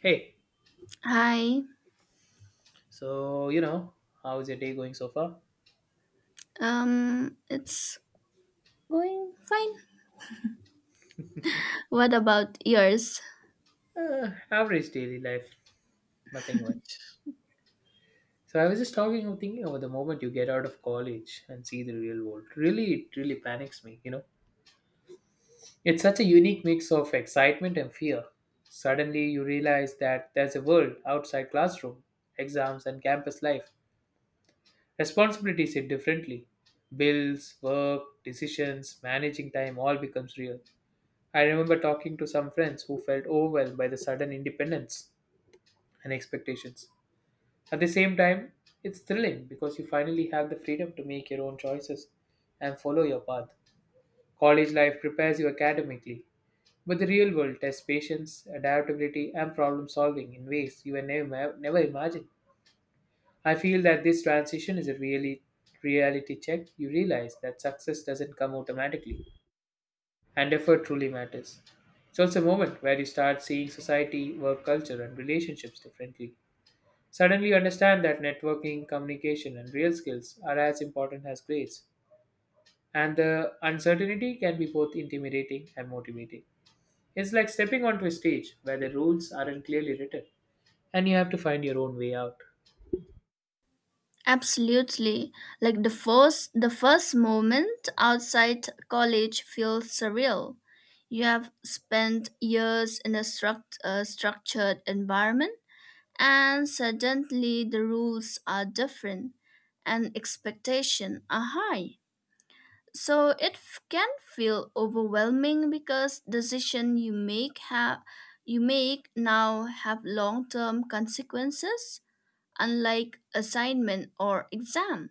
Hey, Hi. so how is your day going so far? It's going fine. What about yours? Average daily life, nothing much. So I was just talking and thinking over the moment you get out of college and see the real world. Really, it really panics me. It's such a unique mix of excitement and fear. Suddenly you realize that there's a world outside classroom, exams and campus life. Responsibilities hit differently. Bills, work, decisions, managing time all becomes real. I remember talking to some friends who felt overwhelmed by the sudden independence and expectations. At the same time, it's thrilling because you finally have the freedom to make your own choices and follow your path. College life prepares you academically, but the real world tests patience, adaptability, and problem solving in ways you had never imagined. I feel that this transition is a really reality check. You realize that success doesn't come automatically and effort truly matters. It's also a moment where you start seeing society, work culture, and relationships differently. Suddenly, you understand that networking, communication, and real skills are as important as grades, and the uncertainty can be both intimidating and motivating. It's like stepping onto a stage where the rules aren't clearly written, and you have to find your own way out. Absolutely. Like the first moment outside college feels surreal. You have spent years in a structured environment, and suddenly the rules are different and expectations are high. So it can feel overwhelming because decision you make have you make now have long-term consequences, unlike assignment or exam.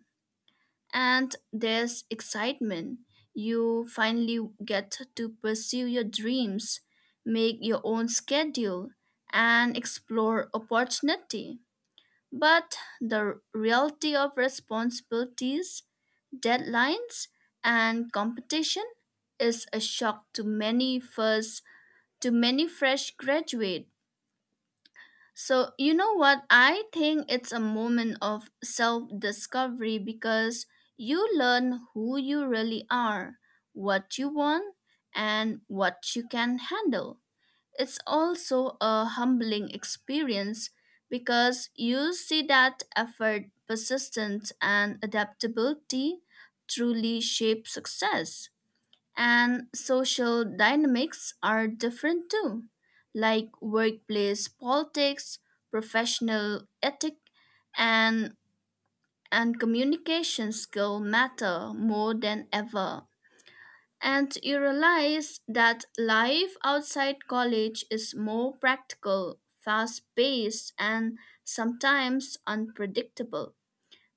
And there's excitement. You finally get to pursue your dreams, make your own schedule, and explore opportunity. But the reality of responsibilities, deadlines, and competition is a shock to many first to many fresh graduate. So you know what? I think it's a moment of self discovery because you learn who you really are, what you want, and what you can handle. It's also a humbling experience because you see that effort, persistence, and adaptability truly shape success. And social dynamics are different too, like workplace politics, professional ethic, and, and communication skill matter more than ever. And you realize that life outside college is more practical, fast paced, and sometimes unpredictable.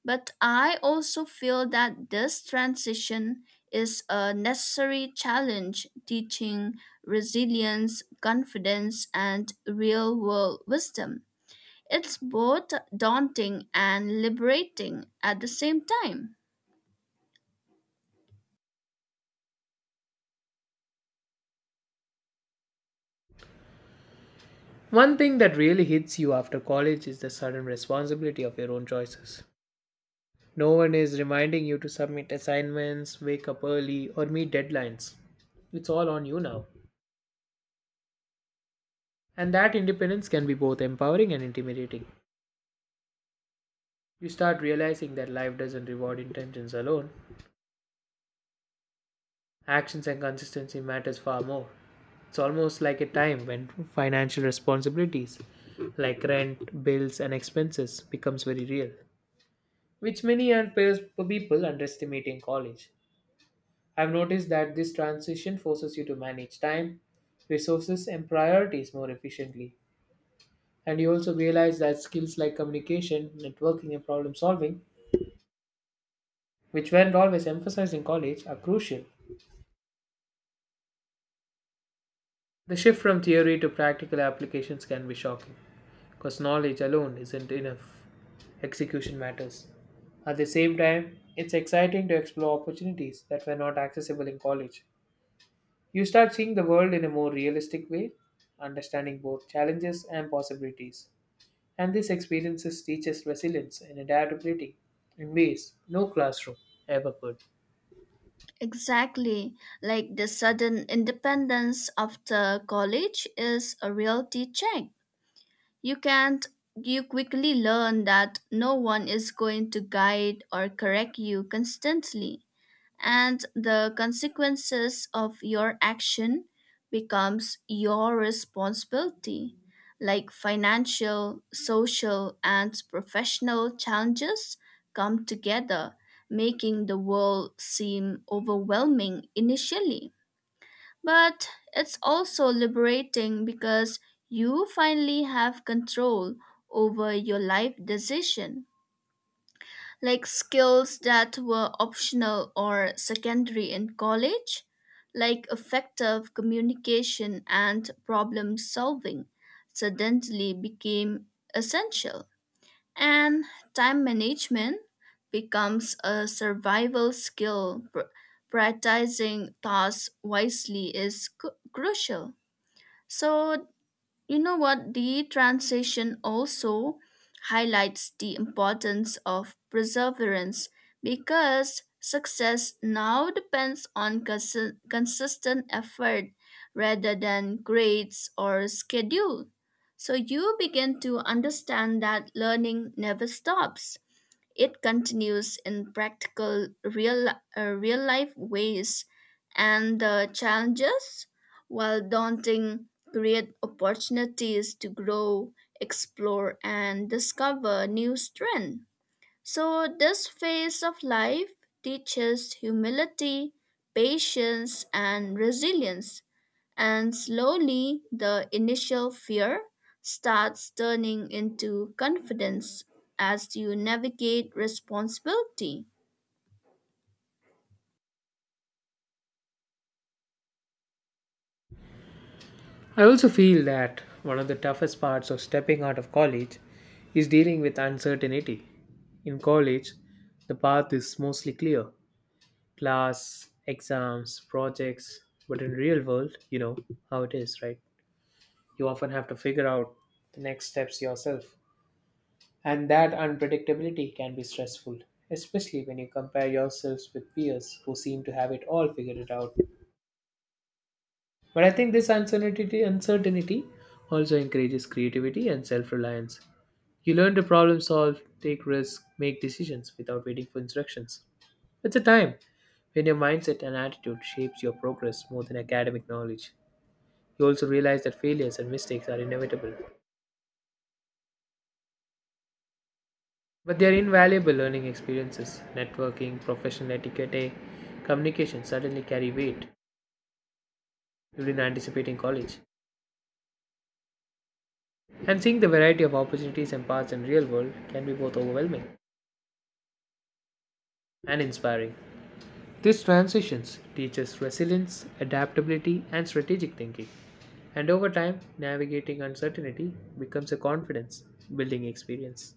But I also feel that this transition is a necessary challenge, teaching resilience, confidence, and real world wisdom. It's both daunting and liberating at the same time. One thing that really hits you after college is the sudden responsibility of your own choices. No one is reminding you to submit assignments, wake up early, or meet deadlines. It's all on you now. And that independence can be both empowering and intimidating. You start realizing that life doesn't reward intentions alone. Actions and consistency matters far more. It's almost like a time when financial responsibilities like rent, bills and expenses becomes very real, which many people underestimate in college. I've noticed that this transition forces you to manage time, resources, and priorities more efficiently. And you also realize that skills like communication, networking, and problem solving, which weren't always emphasized in college, are crucial. The shift from theory to practical applications can be shocking because knowledge alone isn't enough. Execution matters. At the same time, it's exciting to explore opportunities that were not accessible in college. You start seeing the world in a more realistic way, understanding both challenges and possibilities. And these experiences teach us resilience and adaptability in ways no classroom ever could. Exactly. Like the sudden independence after college is a reality check. You can't you quickly learn that no one is going to guide or correct you constantly, and the consequences of your action becomes your responsibility. Like financial, social, and professional challenges come together, making the world seem overwhelming initially, but it's also liberating because you finally have control over your life decision. Like skills that were optional or secondary in college, like effective communication and problem solving, suddenly became essential. And time management becomes a survival skill. Prioritizing tasks wisely is crucial. So, you know what? The transition also highlights the importance of perseverance because success now depends on consistent effort rather than grades or schedule. So you begin to understand that learning never stops. It continues in practical, real life ways, and the challenges, while daunting, create opportunities to grow, explore, and discover new strength. So, this phase of life teaches humility, patience, and resilience, and slowly the initial fear starts turning into confidence as you navigate responsibility. I also feel that one of the toughest parts of stepping out of college is dealing with uncertainty. In college, the path is mostly clear: class, exams, projects, but in real world, you know how it is, right? You often have to figure out the next steps yourself. And that unpredictability can be stressful, especially when you compare yourselves with peers who seem to have it all figured it out. But I think this uncertainty also encourages creativity and self reliance. You learn to problem solve, take risks, make decisions without waiting for instructions. It's a time when your mindset and attitude shapes your progress more than academic knowledge. You also realize that failures and mistakes are inevitable, but they are invaluable learning experiences. Networking, professional etiquette, communication certainly carry weight during anticipating college. And seeing the variety of opportunities and paths in real world can be both overwhelming and inspiring. These transitions teach us resilience, adaptability, and strategic thinking. And over time, navigating uncertainty becomes a confidence building experience.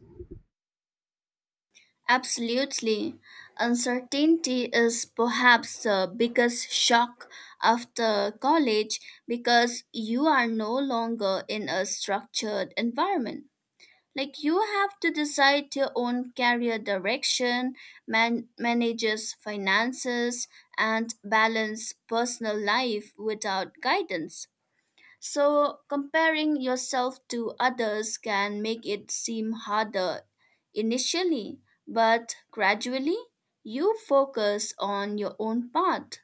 Absolutely. Uncertainty is perhaps the biggest shock after college because you are no longer in a structured environment. Like you have to decide your own career direction, manages finances, and balance personal life without guidance. So, comparing yourself to others can make it seem harder initially, but gradually you focus on your own path.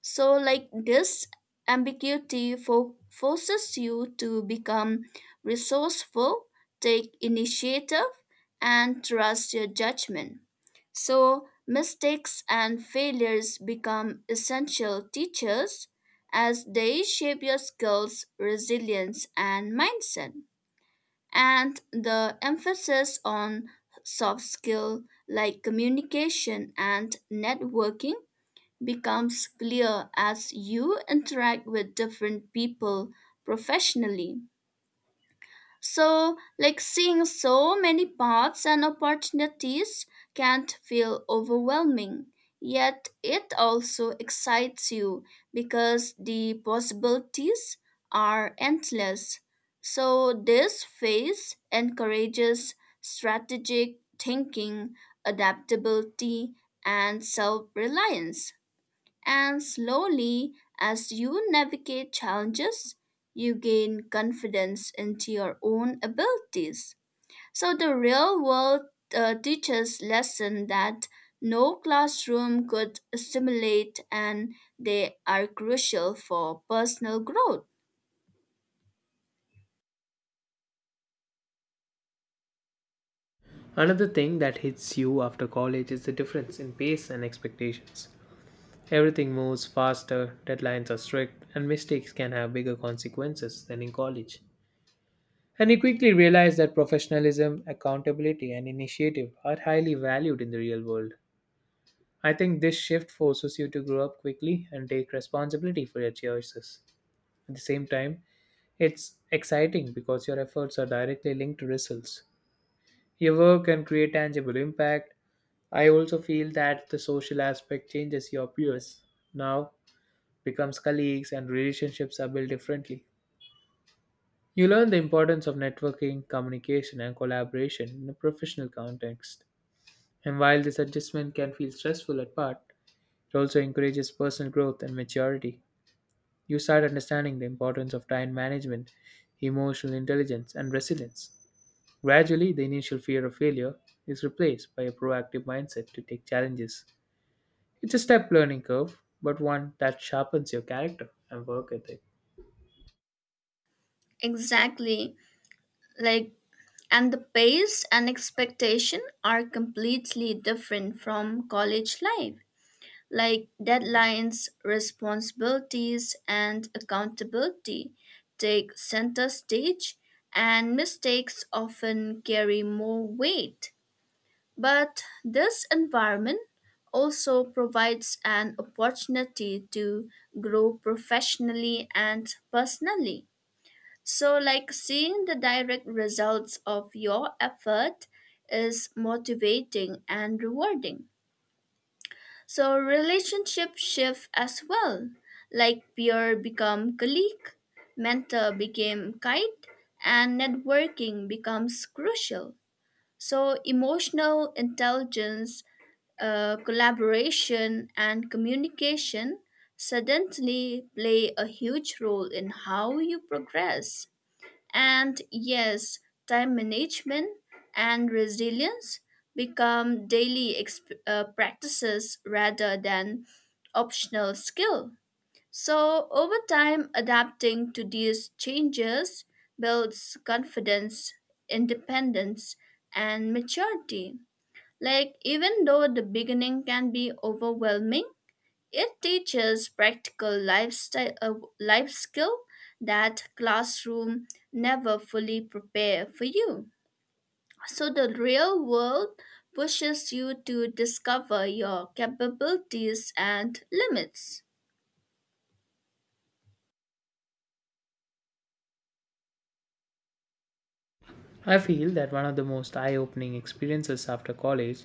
So, like this ambiguity forces you to become resourceful, take initiative, and trust your judgment. So, mistakes and failures become essential teachers as they shape your skills, resilience, and mindset. And the emphasis on soft skill like communication and networking becomes clear as you interact with different people professionally. So, like seeing so many paths and opportunities can't feel overwhelming. Yet it also excites you because the possibilities are endless. So, this phase encourages strategic thinking, adaptability, and self reliance. And slowly, as you navigate challenges, you gain confidence into your own abilities. So the real world teaches lesson that no classroom could assimilate, and they are crucial for personal growth. Another thing that hits you after college is the difference in pace and expectations. Everything moves faster, deadlines are strict, and mistakes can have bigger consequences than in college. And he quickly realized that professionalism, accountability, and initiative are highly valued in the real world. I think this shift forces you to grow up quickly and take responsibility for your choices. At the same time, it's exciting because your efforts are directly linked to results. Your work can create tangible impact. I also feel that the social aspect changes your peers. Now, becomes colleagues, and relationships are built differently. You learn the importance of networking, communication, and collaboration in a professional context. And while this adjustment can feel stressful at part, it also encourages personal growth and maturity. You start understanding the importance of time management, emotional intelligence, and resilience. Gradually, the initial fear of failure is replaced by a proactive mindset to take challenges. It's a step learning curve, but one that sharpens your character and work ethic. Exactly. Like and the pace and expectation are completely different from college life. Like deadlines, responsibilities, and accountability take center stage, and mistakes often carry more weight. But this environment also provides an opportunity to grow professionally and personally. So, like seeing the direct results of your effort is motivating and rewarding. So relationship shift as well, like peer become colleague, mentor became guide, and networking becomes crucial. So emotional intelligence, collaboration, and communication suddenly play a huge role in how you progress. And yes, time management and resilience become daily practices rather than optional skill. So, over time, adapting to these changes builds confidence, independence, and maturity. Like, even though the beginning can be overwhelming, it teaches practical life skill that classroom never fully prepare for you. So the real world pushes you to discover your capabilities and limits. I feel that one of the most eye opening experiences after college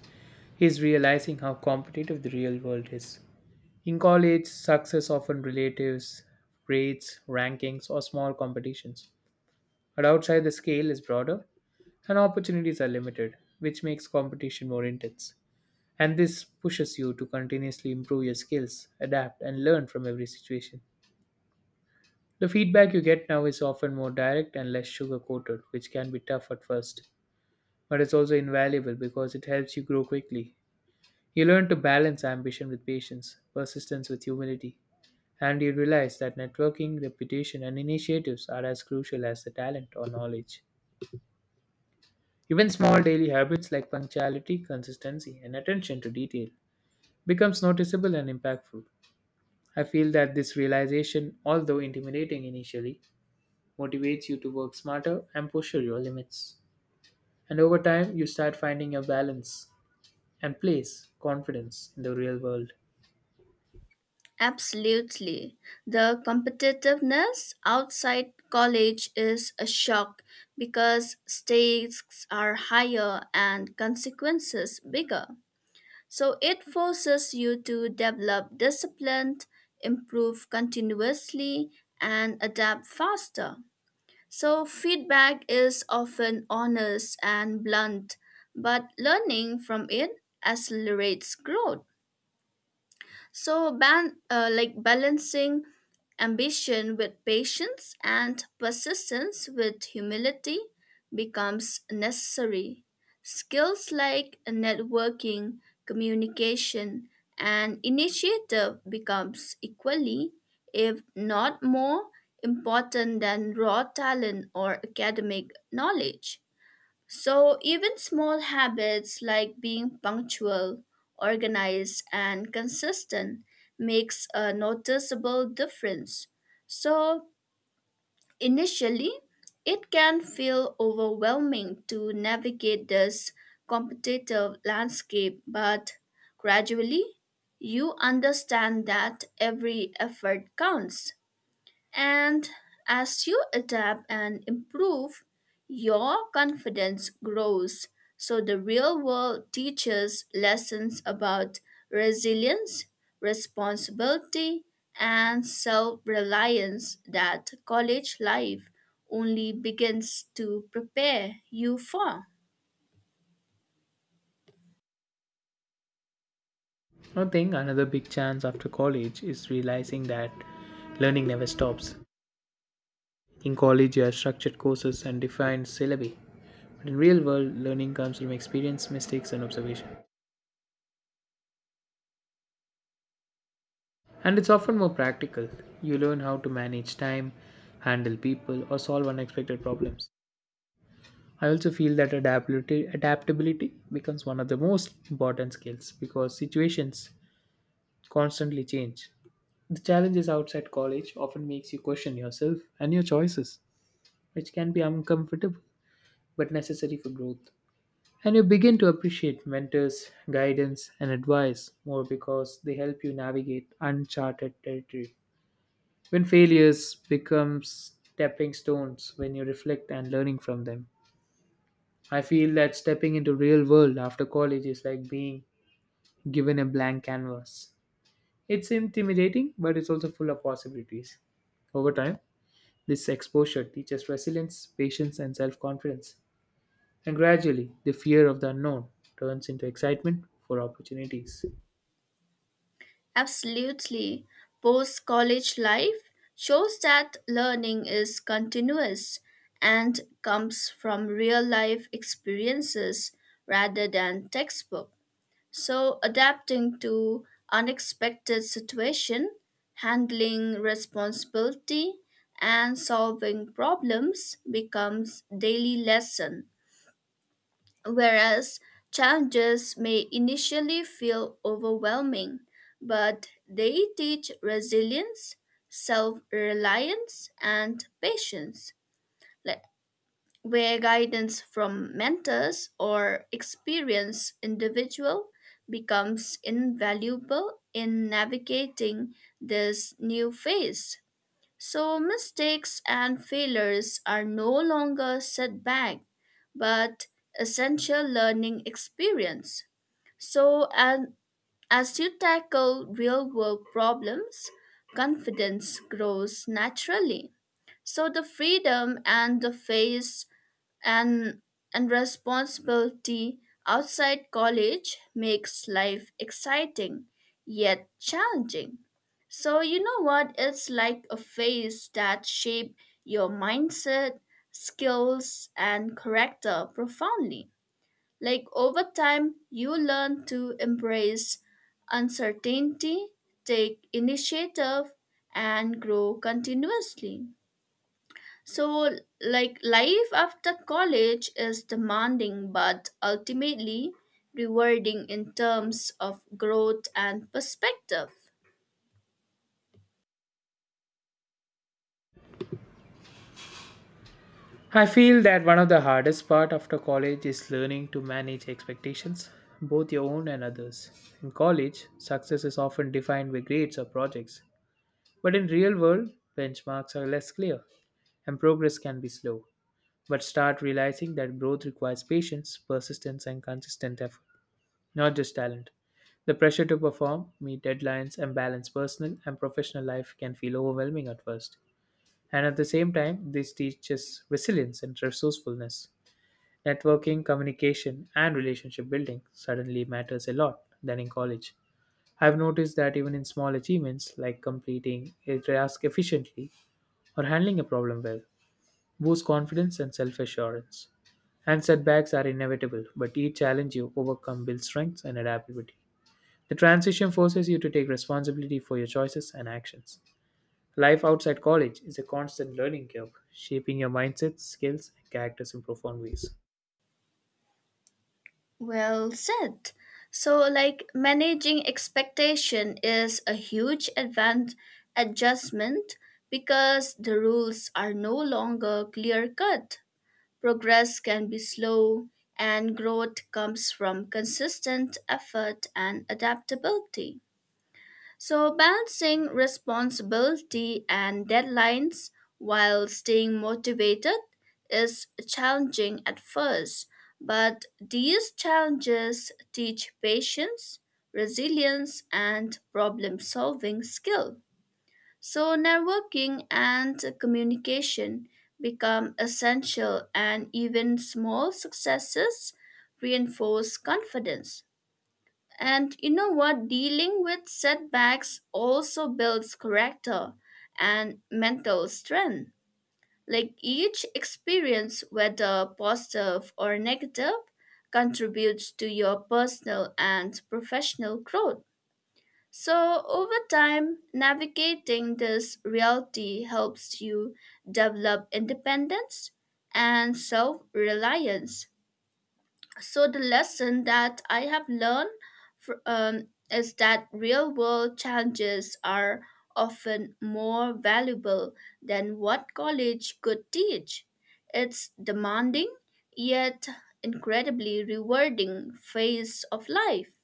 is realizing how competitive the real world is. In college, success often relatives, grades, rankings, or small competitions. But outside, the scale is broader and opportunities are limited, which makes competition more intense. And this pushes you to continuously improve your skills, adapt, and learn from every situation. The feedback you get now is often more direct and less sugar coated, which can be tough at first, but it's also invaluable because it helps you grow quickly. You learn to balance ambition with patience, persistence with humility, and you realize that networking, reputation, and initiatives are as crucial as the talent or knowledge. Even small daily habits like punctuality, consistency, and attention to detail becomes noticeable and impactful. I feel that this realization, although intimidating initially, motivates you to work smarter and push your limits. And over time, you start finding a balance and place confidence in the real world. Absolutely. The competitiveness outside college is a shock because stakes are higher and consequences bigger. So it forces you to develop discipline, improve continuously, and adapt faster. So feedback is often honest and blunt, but learning from it accelerates growth. So, like balancing ambition with patience and persistence with humility becomes necessary. Skills like networking, communication, and initiative becomes equally, if not more, important than raw talent or academic knowledge. So, even small habits like being punctual, organized, and consistent makes a noticeable difference. So, initially, it can feel overwhelming to navigate this competitive landscape, but gradually, you understand that every effort counts. And as you adapt and improve, your confidence grows. So the real world teaches lessons about resilience, responsibility, and self reliance that college life only begins to prepare you for. I think another big chance after college is realizing that learning never stops. In college, you have structured courses and defined syllabi, but in real world, learning comes from experience, mistakes, and observation. And it's often more practical. You learn how to manage time, handle people, or solve unexpected problems. I also feel that adaptability becomes one of the most important skills because situations constantly change. The challenges outside college often makes you question yourself and your choices, which can be uncomfortable but necessary for growth. And you begin to appreciate mentors, guidance, and advice more because they help you navigate uncharted territory. When failures become stepping stones when you reflect and learning from them. I feel that stepping into real world after college is like being given a blank canvas. It's intimidating, but it's also full of possibilities. Over time, this exposure teaches resilience, patience, and self confidence. And gradually, the fear of the unknown turns into excitement for opportunities. Absolutely. Post college life shows that learning is continuous and comes from real life experiences rather than textbook. So, adapting to unexpected situation, handling responsibility, and solving problems becomes daily lesson. Whereas challenges may initially feel overwhelming, but they teach resilience, self reliance, and patience, like, where guidance from mentors or experienced individual becomes invaluable in navigating this new phase. So mistakes and failures are no longer setback, but essential learning experience. So and as you tackle real world problems, confidence grows naturally. So the freedom and the face and and responsibility outside college makes life exciting yet challenging. So you know what? It's like a phase that shape your mindset, skills, and character profoundly. Like over time you learn to embrace uncertainty, take initiative, and grow continuously. So, like, life after college is demanding but ultimately rewarding in terms of growth and perspective. I feel that one of the hardest part after college is learning to manage expectations, both your own and others. In college, success is often defined by grades or projects, but in real world, benchmarks are less clear and progress can be slow. But start realizing that growth requires patience, persistence and consistent effort. Not just talent. The pressure to perform, meet deadlines, and balance personal and professional life can feel overwhelming at first. And at the same time, this teaches resilience and resourcefulness. Networking, communication, and relationship building suddenly matters a lot than in college. I've noticed that even in small achievements like completing a task efficiently or handling a problem well, boost confidence and self assurance. And setbacks are inevitable, but each challenge you overcome builds strengths and adaptability. The transition forces you to take responsibility for your choices and actions. Life outside college is a constant learning curve, shaping your mindset, skills, and characters in profound ways. Well said. So, like, managing expectation is a huge adjustment because the rules are no longer clear cut. Progress can be slow, and growth comes from consistent effort and adaptability. So, balancing responsibility and deadlines while staying motivated is challenging at first, but these challenges teach patience, resilience, and problem solving skill. So, networking and communication become essential, and even small successes reinforce confidence. And you know what? Dealing with setbacks also builds character and mental strength. Like each experience, whether positive or negative, contributes to your personal and professional growth. So, over time, navigating this reality helps you develop independence and self reliance. So the lesson that I have learned is that real world challenges are often more valuable than what college could teach. It's demanding yet incredibly rewarding phase of life.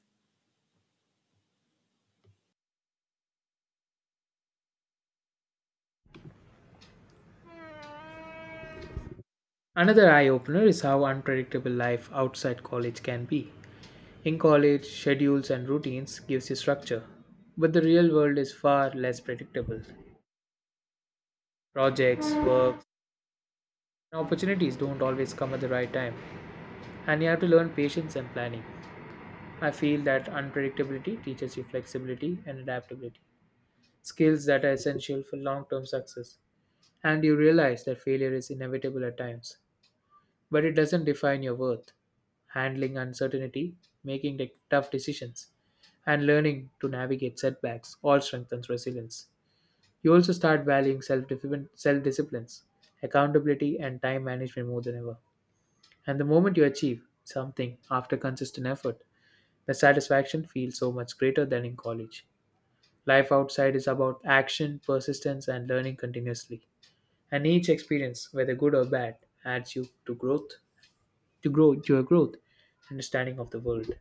Another eye opener is how unpredictable life outside college can be. In college, schedules and routines gives you structure, but the real world is far less predictable. Projects, work, and opportunities don't always come at the right time, and you have to learn patience and planning. I feel that unpredictability teaches you flexibility and adaptability, skills that are essential for long term success. And you realize that failure is inevitable at times, but it doesn't define your worth. Handling uncertainty, making the tough decisions, and learning to navigate setbacks all strengthens resilience. You also start valuing self disciplines, accountability, and time management more than ever. And the moment you achieve something after consistent effort, the satisfaction feels so much greater than in college. Life outside is about action, persistence, and learning continuously. And each experience, whether good or bad, adds you to growth, to grow to your growth, understanding of the world.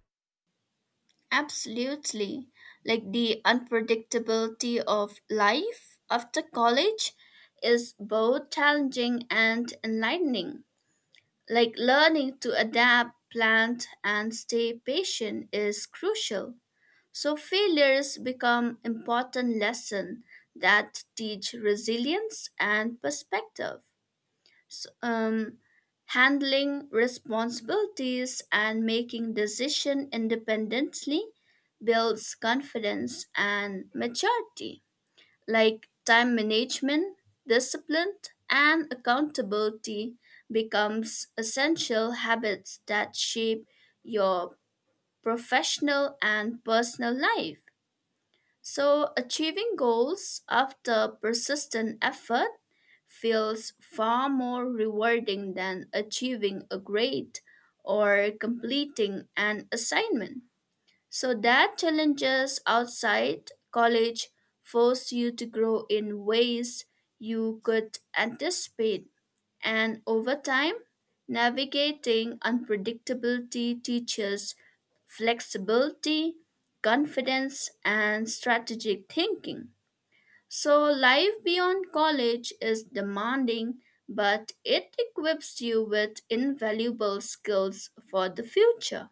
Absolutely. Like the unpredictability of life after college is both challenging and enlightening. Like learning to adapt, plant, and stay patient is crucial. So failures become important lesson that teach resilience and perspective. So, handling responsibilities and making decision independently builds confidence and maturity. Like time management, discipline, and accountability becomes essential habits that shape your professional and personal life. So achieving goals after persistent effort feels far more rewarding than achieving a grade or completing an assignment. So that challenges outside college force you to grow in ways you could anticipate. And over time, navigating unpredictability teaches flexibility, confidence, and strategic thinking. So, life beyond college is demanding, but it equips you with invaluable skills for the future.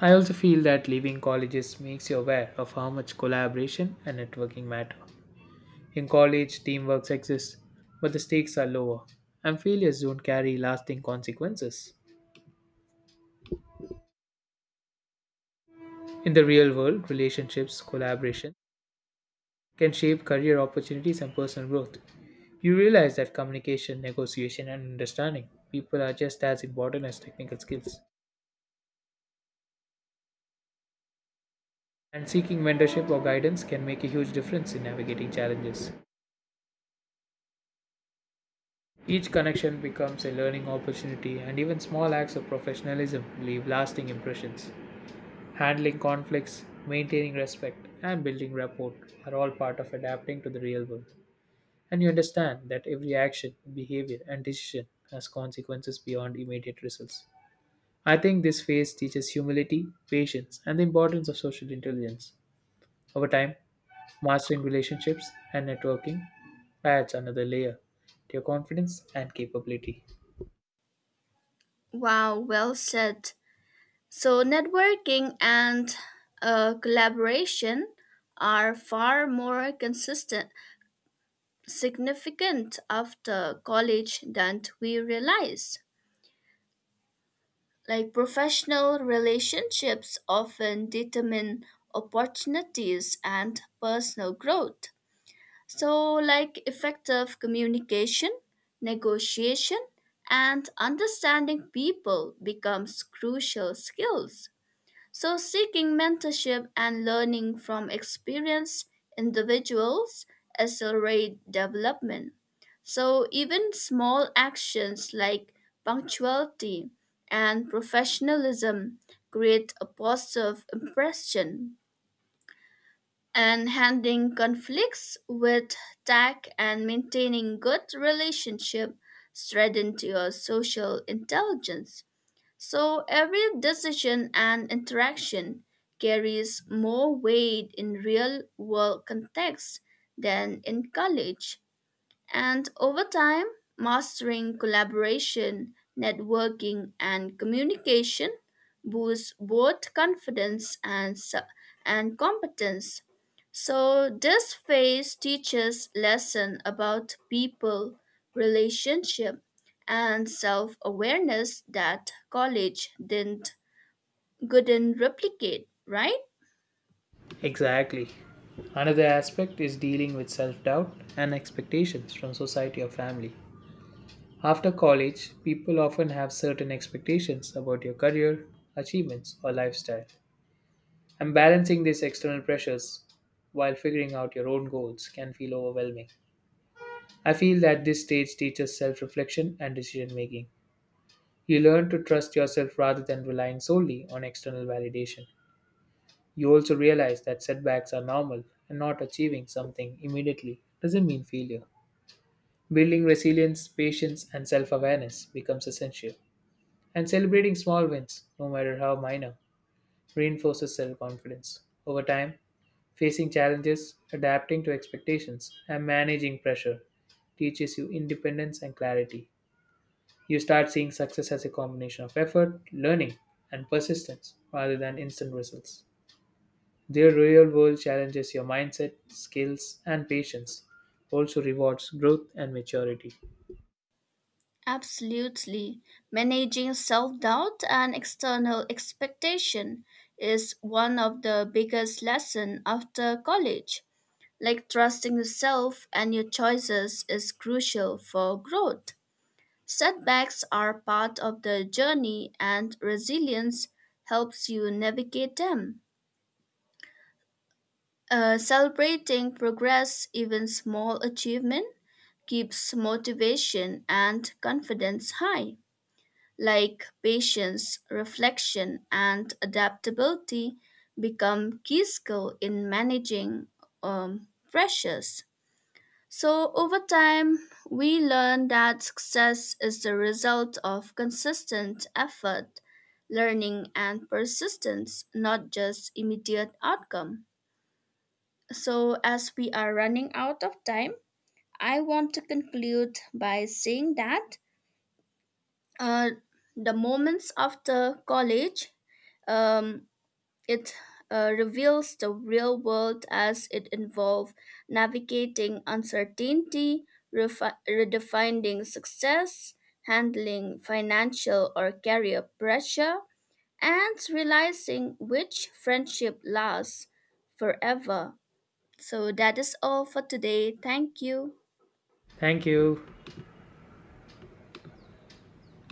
I also feel that leaving colleges makes you aware of how much collaboration and networking matter. In college, teamwork exists, but the stakes are lower, and failures don't carry lasting consequences. In the real world, relationships, collaboration, can shape career opportunities and personal growth. You realize that communication, negotiation, and understanding people are just as important as technical skills. And seeking mentorship or guidance can make a huge difference in navigating challenges. Each connection becomes a learning opportunity, and even small acts of professionalism leave lasting impressions. Handling conflicts, maintaining respect, and building rapport are all part of adapting to the real world. And you understand that every action, behavior, and decision has consequences beyond immediate results. I think this phase teaches humility, patience, and the importance of social intelligence. Over time, mastering relationships and networking adds another layer to your confidence and capability. Wow, well said. So, networking and collaboration are far more significant after college than we realize. Like professional relationships often determine opportunities and personal growth. So, like effective communication, negotiation, and understanding people becomes crucial skills. So, seeking mentorship and learning from experienced individuals accelerate development. So, even small actions like punctuality and professionalism create a positive impression. And handling conflicts with tact and maintaining good relationship strengthen your social intelligence. So every decision and interaction carries more weight in real world context than in college. And over time, mastering collaboration, networking, and communication boosts both confidence and competence. So, this phase teaches lesson about people, relationship, and self awareness that college didn't couldn't replicate, right? Exactly. Another aspect is dealing with self doubt and expectations from society or family. After college, people often have certain expectations about your career, achievements, or lifestyle. And balancing these external pressures while figuring out your own goals can feel overwhelming. I feel that this stage teaches self reflection and decision making. You learn to trust yourself rather than relying solely on external validation. You also realize that setbacks are normal and not achieving something immediately doesn't mean failure. Building resilience, patience, and self awareness becomes essential. And celebrating small wins, no matter how minor, reinforces self-confidence. Over time, facing challenges, adapting to expectations, and managing pressure teaches you independence and clarity. You start seeing success as a combination of effort, learning, and persistence rather than instant results. Their real world challenges your mindset, skills, and patience, also rewards growth and maturity. Absolutely. Managing self doubt and external expectation is one of the biggest lessons after college. Like trusting yourself and your choices is crucial for growth. Setbacks are part of the journey, and resilience helps you navigate them. Celebrating progress, even small achievement, keeps motivation and confidence high. Like patience, reflection, and adaptability become key skill in managing pressures. So over time, we learn that success is the result of consistent effort, learning, and persistence, not just immediate outcome. So as we are running out of time, I want to conclude by saying that uh, the moments after college, um, it reveals the real world as it involves navigating uncertainty, redefining success, handling financial or career pressure, and realizing which friendship lasts forever. So that is all for today. Thank you. Thank you.